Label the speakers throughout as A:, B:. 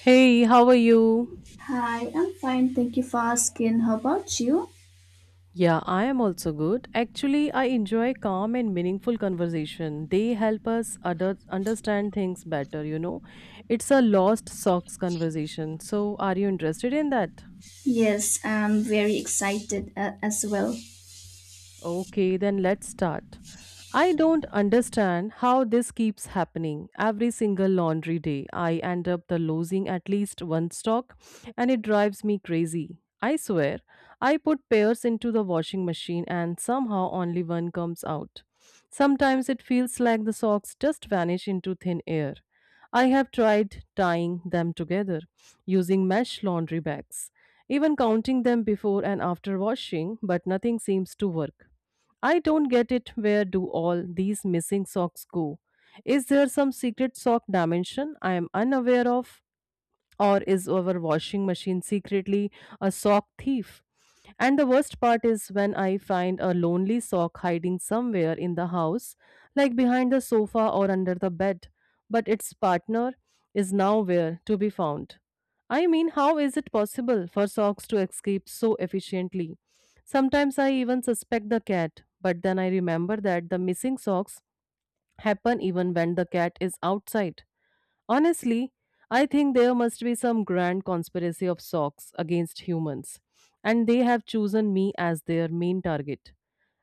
A: Hey, how are you?
B: Hi, I'm fine. Thank you for asking. How about you?
A: Yeah, I am also good. Actually, I enjoy calm and meaningful conversation. They help us other understand things better, you know. It's a lost socks conversation. So, are you interested in that?
B: Yes, I'm very excited as well.
A: Okay, then let's start. I don't understand how this keeps happening. Every single laundry day, I end up the losing at least one stock and it drives me crazy. I swear, I put pairs into the washing machine and somehow only one comes out. Sometimes it feels like the socks just vanish into thin air. I have tried tying them together using mesh laundry bags, even counting them before and after washing, but nothing seems to work. I don't get it. Where do all these missing socks go? Is there some secret sock dimension I am unaware of? Or is our washing machine secretly a sock thief? And the worst part is when I find a lonely sock hiding somewhere in the house, like behind the sofa or under the bed, but its partner is nowhere to be found. I mean, how is it possible for socks to escape so efficiently? Sometimes I even suspect the cat, but then I remember that the missing socks happen even when the cat is outside. Honestly, I think there must be some grand conspiracy of socks against humans, and they have chosen me as their main target.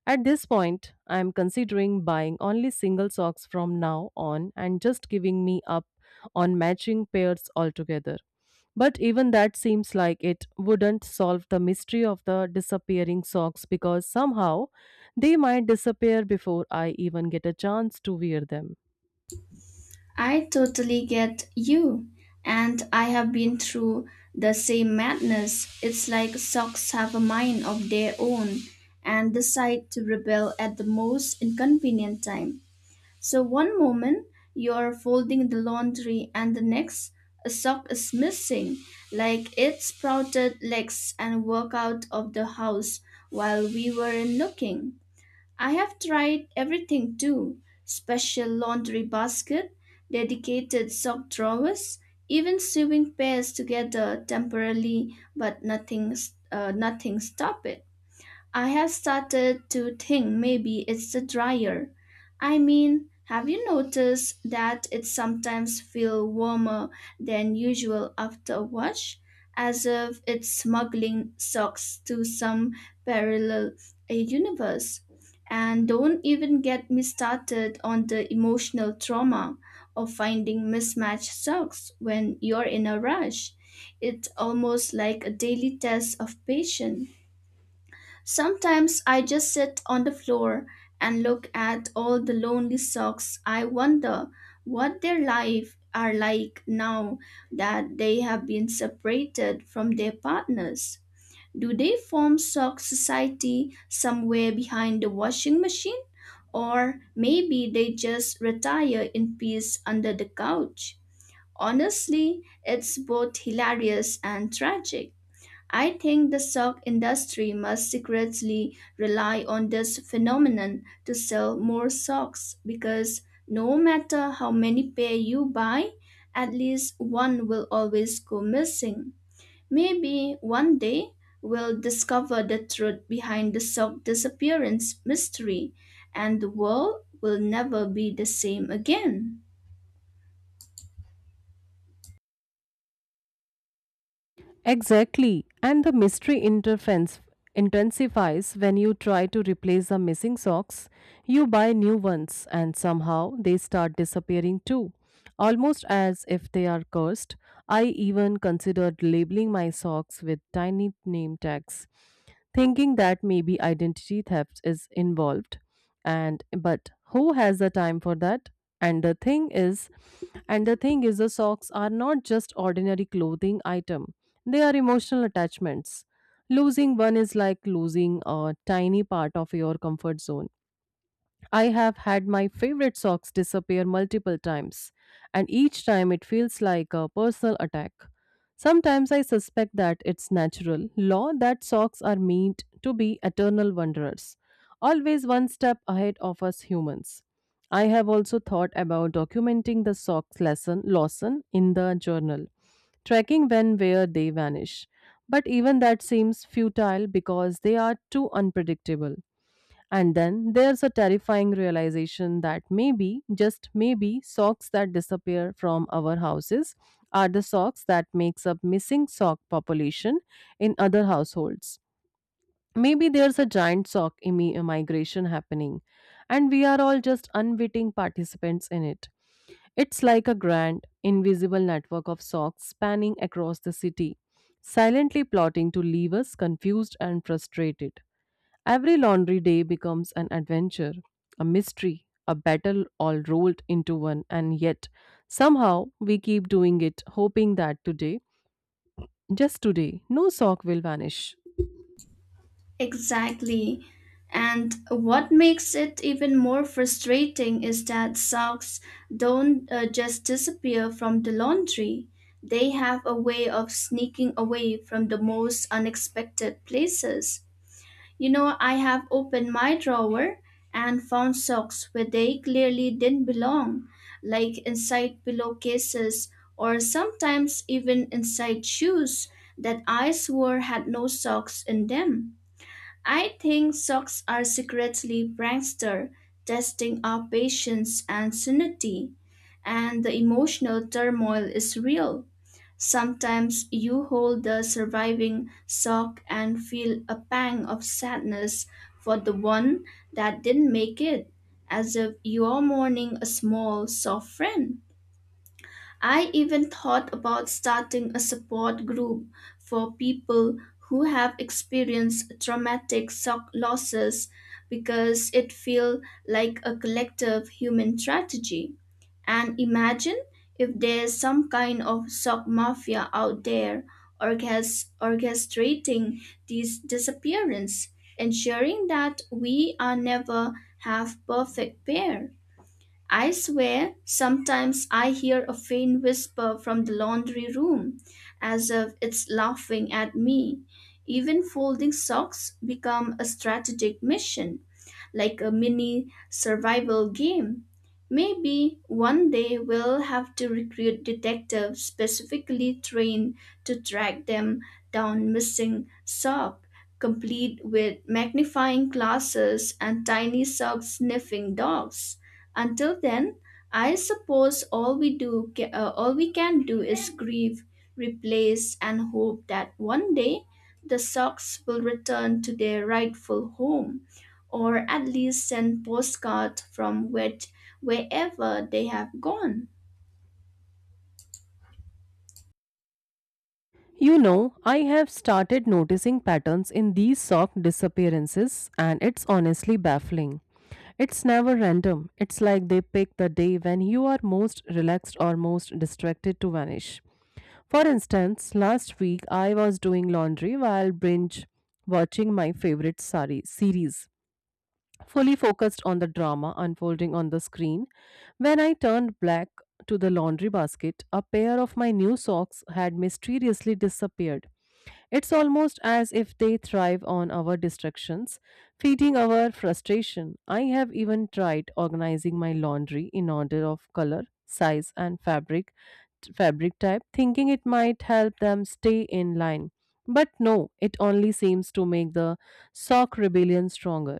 A: At this point, I am considering buying only single socks from now on and just giving me up on matching pairs altogether. But even that seems like it wouldn't solve the mystery of the disappearing socks because somehow they might disappear before I even get a chance to wear them.
B: I totally get you. And I have been through the same madness. It's like socks have a mind of their own and decide to rebel at the most inconvenient time. So one moment you're folding the laundry and the next a sock is missing, like it sprouted legs and walked out of the house while we weren't looking. I have tried everything too. Special laundry basket, dedicated sock drawers, even sewing pairs together temporarily, but nothing stopped it. I have started to think maybe it's the dryer. I mean, have you noticed that it sometimes feels warmer than usual after a wash, as if it's smuggling socks to some parallel universe? And don't even get me started on the emotional trauma of finding mismatched socks when you're in a rush. It's almost like a daily test of patience. Sometimes I just sit on the floor and look at all the lonely socks. I wonder what their life are like now that they have been separated from their partners. Do they form sock society somewhere behind the washing machine? Or maybe they just retire in peace under the couch. Honestly, it's both hilarious and tragic. I think the sock industry must secretly rely on this phenomenon to sell more socks because no matter how many pair you buy, at least one will always go missing. Maybe one day we'll discover the truth behind the sock disappearance mystery and the world will never be the same again.
A: Exactly. And the mystery interference intensifies when you try to replace the missing socks. You buy new ones and somehow they start disappearing too. Almost as if they are cursed. I even considered labeling my socks with tiny name tags, thinking that maybe identity theft is involved. And but who has the time for that? And the thing is, and the thing is, the socks are not just ordinary clothing item. They are emotional attachments. Losing one is like losing a tiny part of your comfort zone. I have had my favorite socks disappear multiple times, and each time it feels like a personal attack. Sometimes I suspect that it's natural law that socks are meant to be eternal wanderers, always one step ahead of us humans. I have also thought about documenting the socks lesson Lawson in the journal, tracking when where they vanish. But even that seems futile because they are too unpredictable. And then there's a terrifying realization that maybe, just maybe, socks that disappear from our houses are the socks that makes up missing sock population in other households. Maybe there's a giant migration happening, and we are all just unwitting participants in it. It's like a grand, invisible network of socks spanning across the city, silently plotting to leave us confused and frustrated. Every laundry day becomes an adventure, a mystery, a battle all rolled into one, and yet somehow we keep doing it, hoping that today, just today, no sock will vanish.
B: Exactly. And what makes it even more frustrating is that socks don't just disappear from the laundry. They have a way of sneaking away from the most unexpected places. You know, I have opened my drawer and found socks where they clearly didn't belong, like inside pillowcases or sometimes even inside shoes that I swore had no socks in them. I think socks are secretly prankster, testing our patience and sanity, and the emotional turmoil is real. Sometimes you hold the surviving sock and feel a pang of sadness for the one that didn't make it, as if you are mourning a small, soft friend. I even thought about starting a support group for people who have experienced traumatic shock losses because it feels like a collective human tragedy. And imagine if there's some kind of shock mafia out there orchestrating these disappearance, ensuring that we are never have perfect pair. I swear, sometimes I hear a faint whisper from the laundry room, as if it's laughing at me. Even folding socks become a strategic mission like a mini survival game. Maybe one day we'll have to recruit detectives specifically trained to track them down missing sock, complete with magnifying glasses and tiny sock sniffing dogs. Until then, I suppose all we can do is grieve, replace, and hope that one day the socks will return to their rightful home or at least send postcards from wherever they have gone.
A: You know, I have started noticing patterns in these sock disappearances, and it's honestly baffling. It's never random. It's like they pick the day when you are most relaxed or most distracted to vanish. For instance, last week I was doing laundry while binge watching my series, fully focused on the drama unfolding on the screen. When I turned back to the laundry basket, a pair of my new socks had mysteriously disappeared. It's almost as if they thrive on our distractions, feeding our frustration. I have even tried organizing my laundry in order of color, size, and fabric type, thinking it might help them stay in line. But no, it only seems to make the sock rebellion stronger.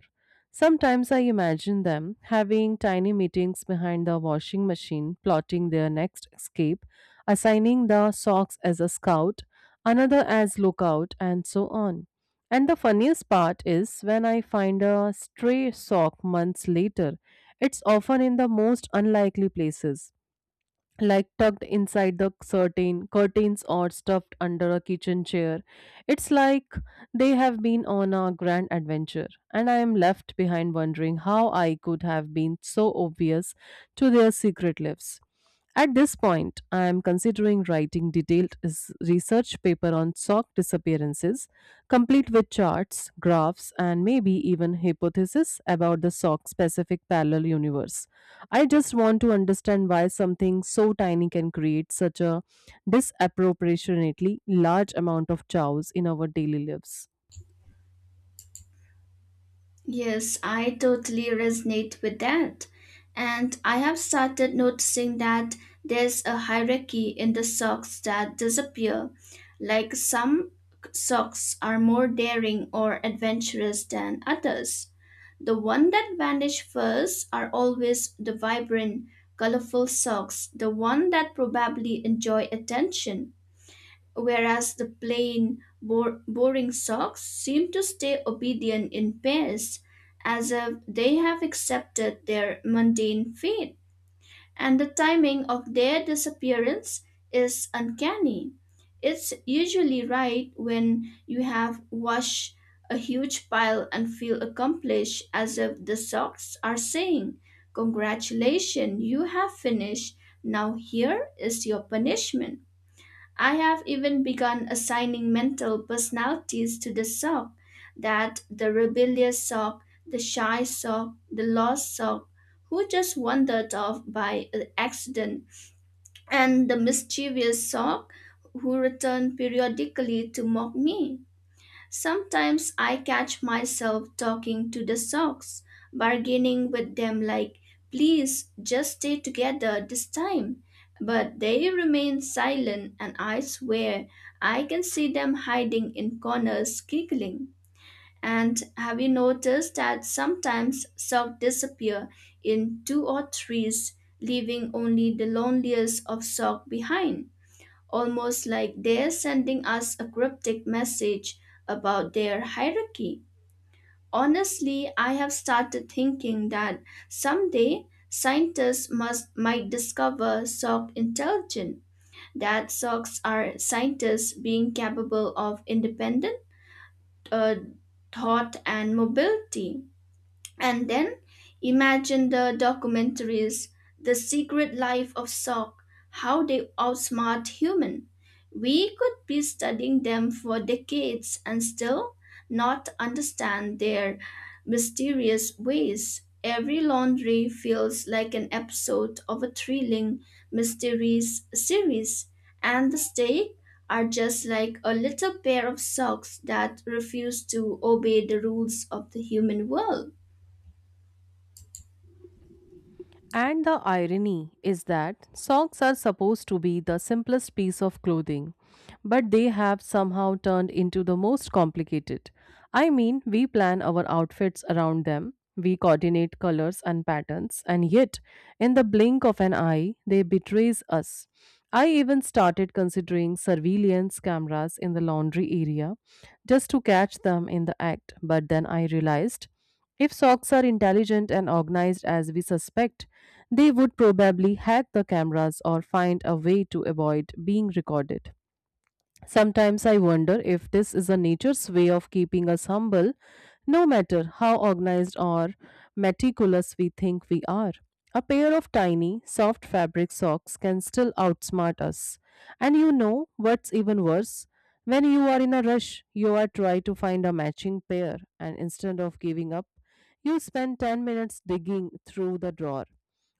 A: Sometimes I imagine them having tiny meetings behind the washing machine, plotting their next escape, assigning the socks as a scout, another as lookout, and so on. And the funniest part is when I find a stray sock months later, it's often in the most unlikely places like tucked inside the curtains or stuffed under a kitchen chair. It's like they have been on a grand adventure, and I am left behind wondering how I could have been so obvious to their secret lives. At this point, I am considering writing research paper on sock disappearances, complete with charts, graphs, and maybe even hypotheses about the sock specific parallel universe. I just want to understand why something so tiny can create such a disproportionately large amount of chows in our daily lives.
B: Yes, I totally resonate with that. And I have started noticing that there's a hierarchy in the socks that disappear. Like some socks are more daring or adventurous than others. The one that vanish first are always the vibrant, colorful socks, the one that probably enjoy attention whereas the boring socks seem to stay obedient in pairs, as if they have accepted their mundane fate. And the timing of their disappearance is uncanny. It's usually right when you have washed a huge pile and feel accomplished, as if the socks are saying, "Congratulations, you have finished. Now here is your punishment." I have even begun assigning mental personalities to the sock that the rebellious sock, the shy sock, the lost sock, who just wandered off by accident, and the mischievous sock who returned periodically to mock me. Sometimes I catch myself talking to the socks, bargaining with them like, please just stay together this time. But they remain silent, and I swear I can see them hiding in corners giggling. And have you noticed that sometimes socks disappear in two or threes, leaving only the loneliest of sock behind? Almost like they're sending us a cryptic message about their hierarchy. Honestly, I have started thinking that someday scientists must might discover sock intelligence, that socks are scientists being capable of independent uh, thought and mobility. And then imagine the documentaries, The Secret Life of Sock, how they outsmart human. We could be studying them for decades and still not understand their mysterious ways. Every laundry feels like an episode of a thrilling mysteries series, and the stakes are just like a little pair of socks that refuse to obey the rules of the human world.
A: And the irony is that socks are supposed to be the simplest piece of clothing, but they have somehow turned into the most complicated. I mean, we plan our outfits around them, we coordinate colors and patterns, and yet in the blink of an eye, they betrays us. I even started considering surveillance cameras in the laundry area just to catch them in the act, but then I realized if socks are intelligent and organized as we suspect, they would probably hack the cameras or find a way to avoid being recorded. Sometimes I wonder if this is a nature's way of keeping us humble, no matter how organized or meticulous we think we are. A pair of tiny, soft fabric socks can still outsmart us. And you know what's even worse? When you are in a rush, you are trying to find a matching pair, and instead of giving up, you spend 10 minutes digging through the drawer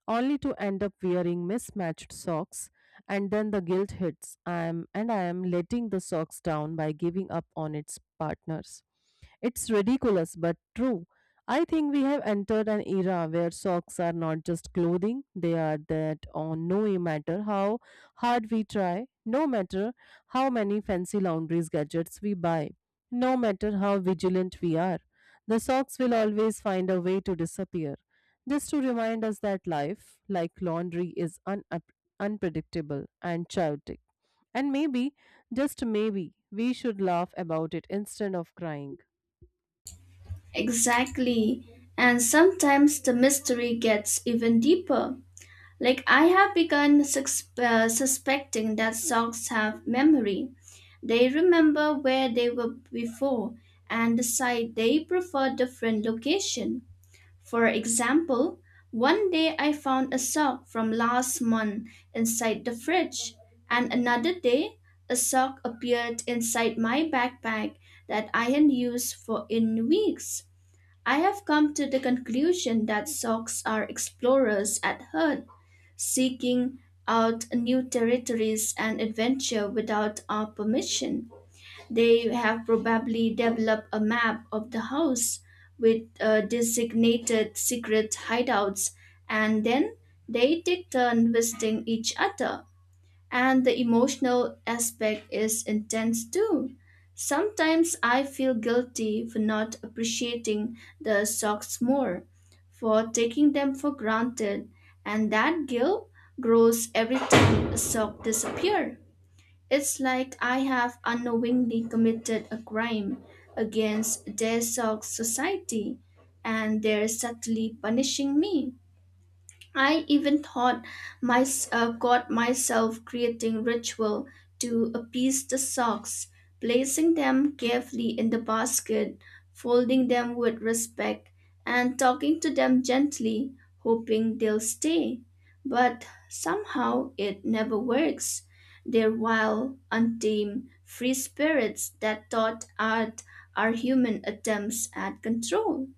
A: only to end up wearing mismatched socks and then the guilt hits I am letting the socks down by giving up on its partners. It's ridiculous but true. I think we have entered an era where socks are not just clothing, they are that on no matter how hard we try, no matter how many fancy laundries gadgets we buy, no matter how vigilant we are, the socks will always find a way to disappear. Just to remind us that life, like laundry, is unpredictable and chaotic. And maybe, just maybe, we should laugh about it instead of crying.
B: Exactly. And sometimes the mystery gets even deeper. Like I have begun suspecting that socks have memory. They remember where they were before and decide they prefer different location. For example, one day I found a sock from last month inside the fridge, and another day a sock appeared inside my backpack that I had used for in weeks. I have come to the conclusion that socks are explorers at heart, seeking out new territories and adventure without our permission. They have probably developed a map of the house with designated secret hideouts, and then they take turn visiting each other. And the emotional aspect is intense too. Sometimes I feel guilty for not appreciating the socks more, for taking them for granted, and that guilt grows every time a sock disappears. It's like I have unknowingly committed a crime against their sock society, and they're subtly punishing me. I even thought my caught myself creating ritual to appease the socks, placing them carefully in the basket, folding them with respect, and talking to them gently, hoping they'll stay. But somehow it never works. They're wild, untamed, free spirits that thought art are human attempts at control.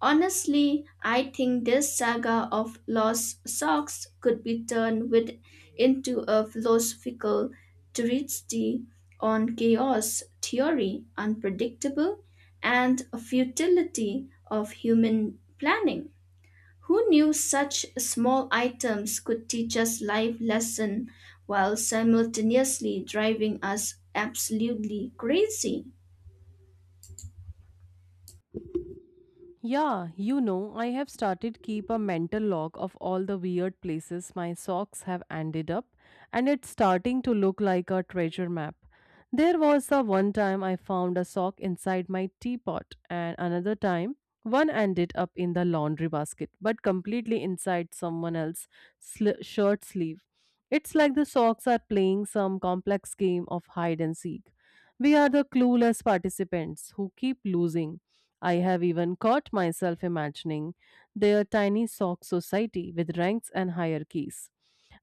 B: Honestly, I think this saga of lost socks could be turned into a philosophical treatise on chaos theory, unpredictable, and futility of human planning. Who knew such small items could teach us life lesson while simultaneously driving us absolutely crazy?
A: Yeah, you know, I have started keep a mental log of all the weird places my socks have ended up and it's starting to look like a treasure map. There was the one time I found a sock inside my teapot and another time one ended up in the laundry basket but completely inside someone shirt sleeve. It's like the socks are playing some complex game of hide and seek. We are the clueless participants who keep losing. I have even caught myself imagining their tiny sock society with ranks and hierarchies.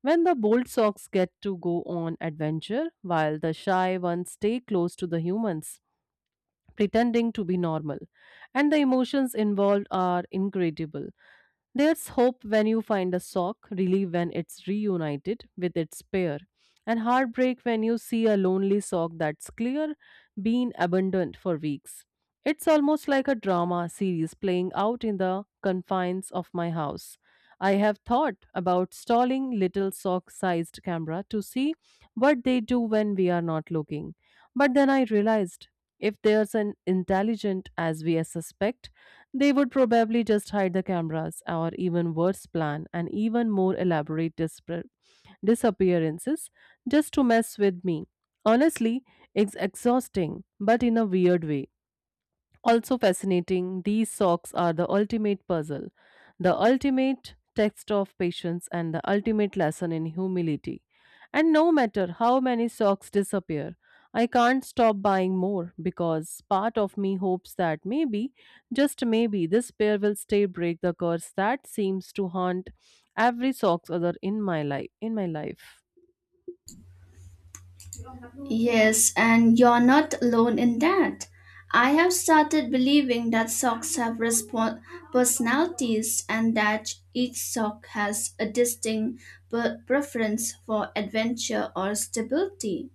A: When the bold socks get to go on adventure, while the shy ones stay close to the humans, pretending to be normal. And the emotions involved are incredible. There's hope when you find a sock, relief when it's reunited with its pair, and heartbreak when you see a lonely sock that's clear, been abandoned for weeks. It's almost like a drama series playing out in the confines of my house. I have thought about stalling little sock sized camera to see what they do when we are not looking. But then I realized if there's an intelligent as we suspect, they would probably just hide the cameras, or even worse, plan an even more disappearances just to mess with me. Honestly, it's exhausting, but in a weird way. Also fascinating, these socks are the ultimate puzzle, the ultimate text of patience, and the ultimate lesson in humility. And no matter how many socks disappear, I can't stop buying more because part of me hopes that maybe, just maybe, this pair will stay break the curse that seems to haunt every socks other in my life.
B: Yes, and you're not alone in that. I have started believing that socks have respon personalities and that each sock has a distinct preference for adventure or stability.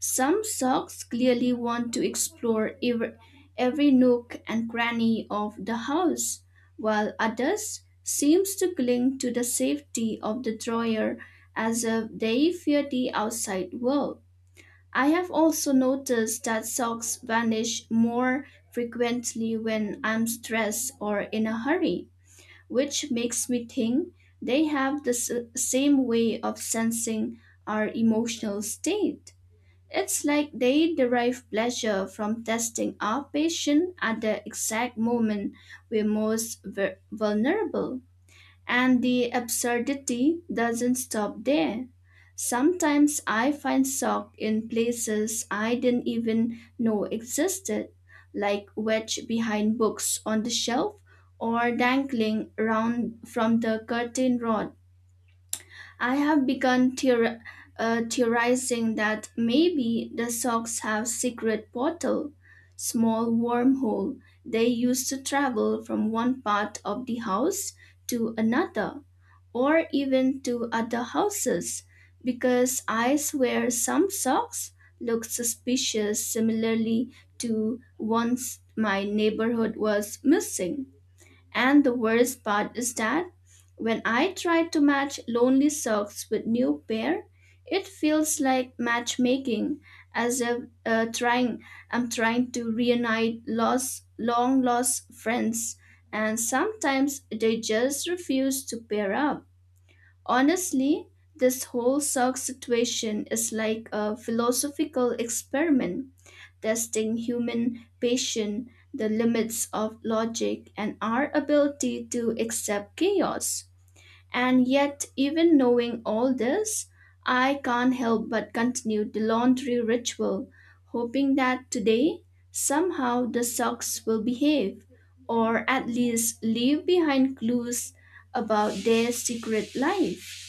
B: Some socks clearly want to explore every nook and cranny of the house, while others seems to cling to the safety of the drawer as if they fear the outside world. I have also noticed that socks vanish more frequently when I'm stressed or in a hurry, which makes me think they have the same way of sensing our emotional state. It's like they derive pleasure from testing our patience at the exact moment we're most vulnerable. And the absurdity doesn't stop there. Sometimes I find shock in places I didn't even know existed, like wedged behind books on the shelf or dangling round from the curtain rod. I have begun theorizing that maybe the socks have secret portal, small wormhole they use to travel from one part of the house to another or even to other houses because I swear some socks look suspicious similarly to once my neighborhood was missing. And the worst part is that when I try to match lonely socks with new pair, it feels like matchmaking, as if trying I'm trying to reunite lost, long lost friends, and sometimes they just refuse to pair up. Honestly, this whole sock situation is like a philosophical experiment testing human patience, the limits of logic, and our ability to accept chaos. And yet, even knowing all this, I can't help but continue the laundry ritual, hoping that today, somehow, the socks will behave, or at least leave behind clues about their secret life.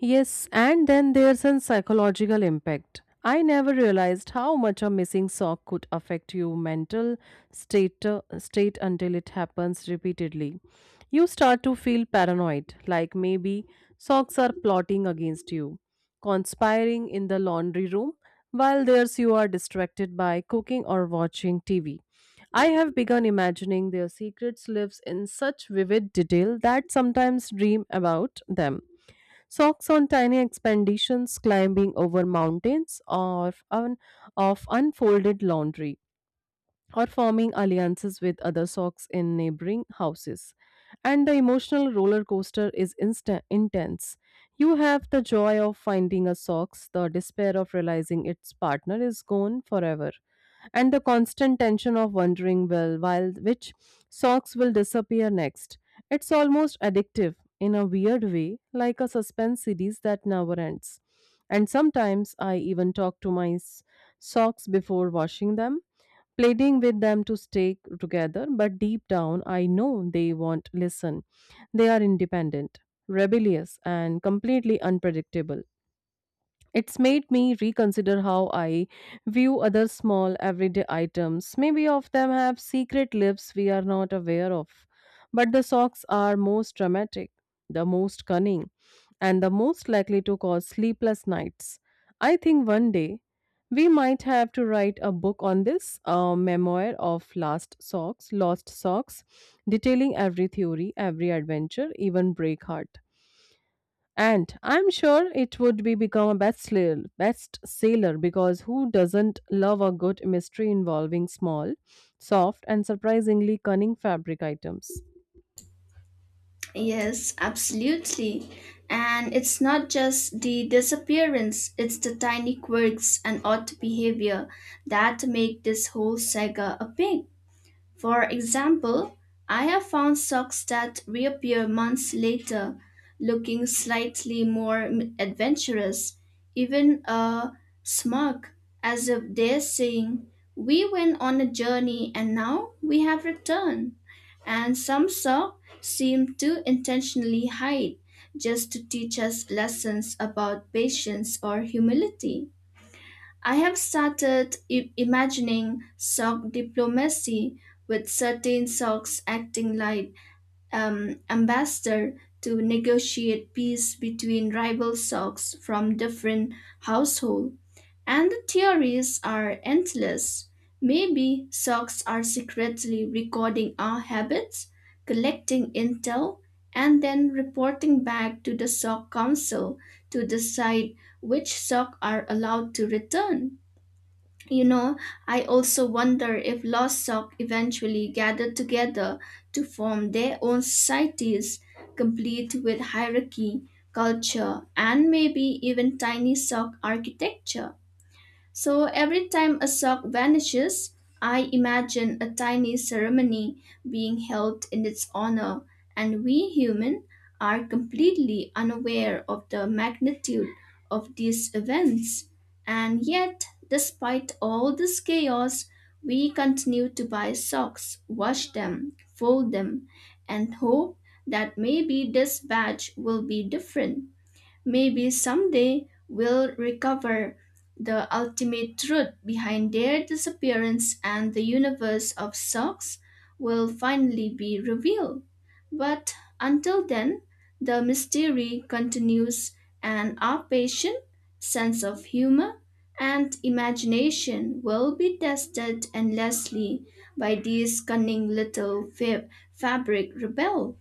A: Yes, and then there's a psychological impact. I never realized how much a missing sock could affect your state, state until it happens repeatedly. You start to feel paranoid, like maybe socks are plotting against you, conspiring in the laundry room, while there's you are distracted by cooking or watching TV. I have begun imagining their secrets lives in such vivid detail that sometimes dream about them. Socks on tiny expeditions, climbing over mountains, or on, of unfolded laundry or forming alliances with other socks in neighboring houses. And the emotional roller coaster is intense. You have the joy of finding a socks, the despair of realizing its partner is gone forever, and the constant tension of wondering, well, while which socks will disappear next. It's almost addictive in a weird way, like a suspense series that never ends. And sometimes I even talk to my socks before washing them, pleading with them to stay together, but deep down I know they won't listen. They are independent, rebellious, and completely unpredictable. It's made me reconsider how I view other small everyday items. Maybe of them have secret lives we are not aware of. But the socks are most dramatic, the most cunning, and the most likely to cause sleepless nights. I think one day we might have to write a book on this, a memoir of last socks, lost socks, detailing every theory, every adventure, even break heart. And I'm sure it would be become a best seller, bestseller, because who doesn't love a good mystery involving small, soft, and surprisingly cunning fabric items?
B: Yes, absolutely. And it's not just the disappearance, it's the tiny quirks and odd behavior that make this whole saga a pig. For example, I have found socks that reappear months later, looking slightly more adventurous, even smug, as if they're saying, "We went on a journey and now we have returned," and some saw seem to intentionally hide just to teach us lessons about patience or humility. I have started imagining sock diplomacy with certain socks acting like ambassador to negotiate peace between rival socks from different household. And the theories are endless. Maybe socks are secretly recording our habits, collecting intel, and then reporting back to the sock council to decide which sock are allowed to return. You know, I also wonder if lost sock eventually gathered together to form their own societies, complete with hierarchy, culture, and maybe even tiny sock architecture. So every time a sock vanishes, I imagine a tiny ceremony being held in its honor, and we humans are completely unaware of the magnitude of these events. And yet, despite all this chaos, we continue to buy socks, wash them, fold them, and hope that maybe this batch will be different. Maybe someday we'll recover the ultimate truth behind their disappearance and the universe of socks will finally be revealed. But until then, the mystery continues and our patience, sense of humor, and imagination will be tested endlessly by these cunning little fabric rebel.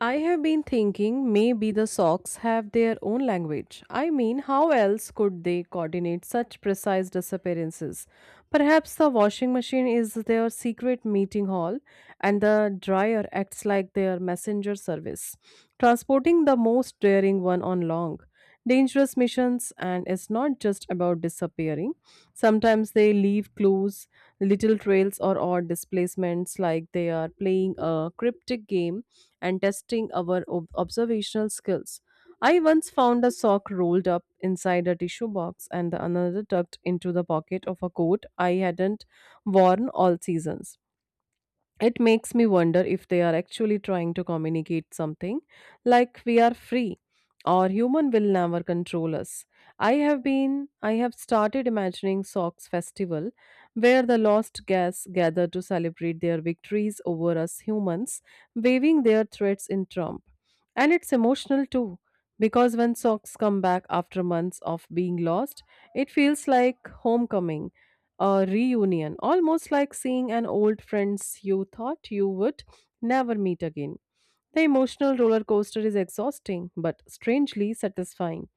A: I have been thinking maybe the socks have their own language. I mean, how else could they coordinate such precise disappearances? Perhaps the washing machine is their secret meeting hall and the dryer acts like their messenger service, transporting the most daring one on long, dangerous missions. And it's not just about disappearing, sometimes they leave clues, little trails, or odd displacements, like they are playing a cryptic game and testing our observational skills. I once found a sock rolled up inside a tissue box and the another tucked into the pocket of a coat I hadn't worn all seasons. It makes me wonder if they are actually trying to communicate something, like we are free or human will never control us. I have been i have started imagining socks festival where the lost guests gather to celebrate their victories over us humans, waving their threats in trump. And it's emotional too, because when socks come back after months of being lost, it feels like homecoming, a reunion, almost like seeing an old friends you thought you would never meet again. The emotional roller coaster is exhausting but strangely satisfying,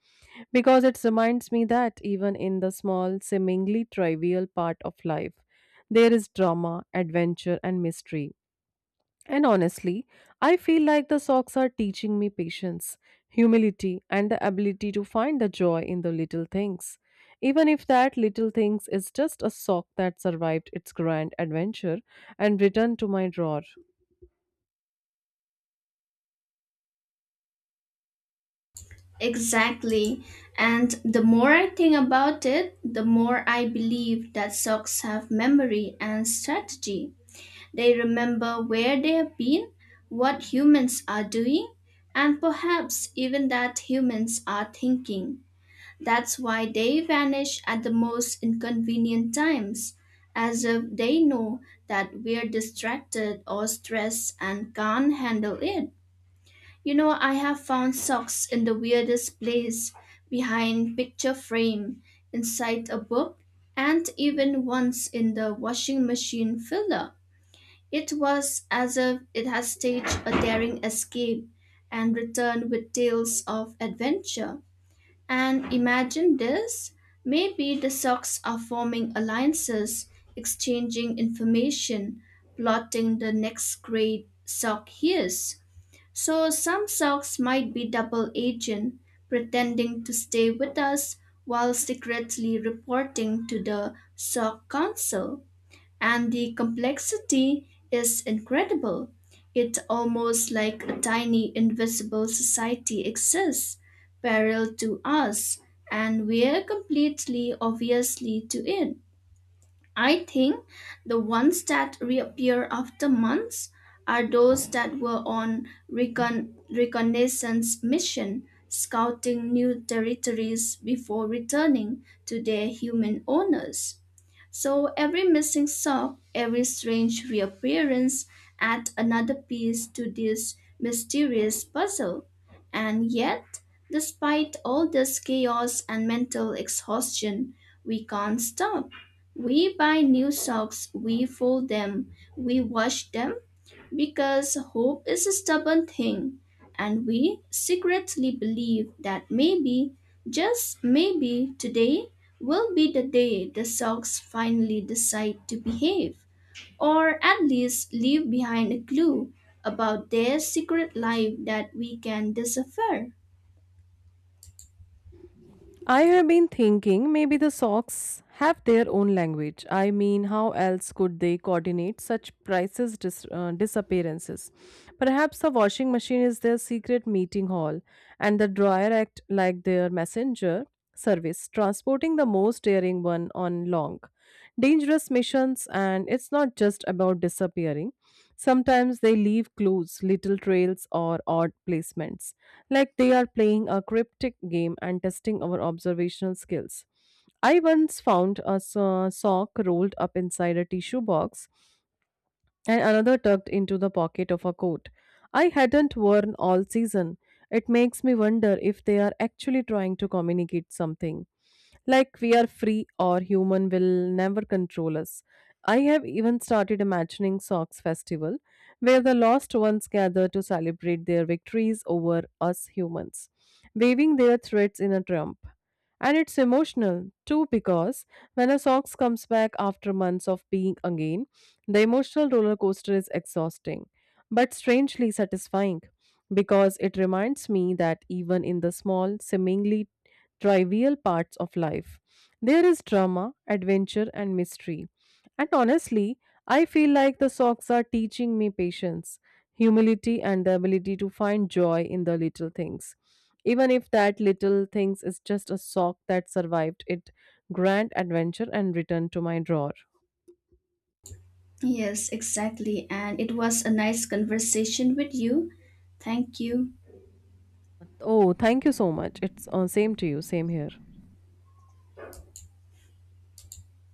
A: because it reminds me that even in the small, seemingly trivial part of life, there is drama, adventure, and mystery. And honestly, I feel like the socks are teaching me patience, humility, and the ability to find the joy in the little things. Even if that little things is just a sock that survived its grand adventure and returned to my drawer.
B: Exactly. And the more I think about it, the more I believe that socks have memory and strategy. They remember where they have been, what humans are doing, and perhaps even that humans are thinking. That's why they vanish at the most inconvenient times, as if they know that we're distracted or stressed and can't handle it. You know, I have found socks in the weirdest place behind picture frame, inside a book, and even once in the washing machine filler. It was as if it had staged a daring escape and returned with tales of adventure. And imagine this maybe the socks are forming alliances, exchanging information, plotting the next great sock heist. So some silks might be double agent, pretending to stay with us while secretly reporting to the Silk Council. And the complexity is incredible. It's almost like a tiny invisible society exists, parallel to us, and we're completely obviously to it. I think the ones that reappear after months are those that were on reconnaissance mission, scouting new territories before returning to their human owners. So every missing sock, every strange reappearance add another piece to this mysterious puzzle. And yet, despite all this chaos and mental exhaustion, we can't stop. We buy new socks, we fold them, we wash them, because hope is a stubborn thing, and we secretly believe that maybe, just maybe, today will be the day the socks finally decide to behave, or at least leave behind a clue about their secret life that we can decipher.
A: I have been thinking maybe the socks have their own language. I mean, how else could they coordinate such prices disappearances? Perhaps the washing machine is their secret meeting hall, and the dryer act like their messenger service, transporting the most daring one on long, dangerous missions. And it's not just about disappearing. Sometimes they leave clues, little trails, or odd placements, like they are playing a cryptic game and testing our observational skills. I once found a sock rolled up inside a tissue box and another tucked into the pocket of a coat I hadn't worn all season. It makes me wonder if they are actually trying to communicate something. Like we are free or human will never control us. I have even started imagining Socks Festival, where the lost ones gather to celebrate their victories over us humans, waving their threads in a trump. And it's emotional too, because when a socks comes back after months of being again, the emotional roller coaster is exhausting, but strangely satisfying, because it reminds me that even in the small, seemingly trivial parts of life, there is drama, adventure, and mystery. And honestly, I feel like the socks are teaching me patience, humility, and the ability to find joy in the little things. Even if that little things is just a sock that survived it grand adventure and returned to my drawer.
B: Yes, exactly, and it was a nice conversation with you. Thank you.
A: Oh, thank you so much. It's same to you, same here.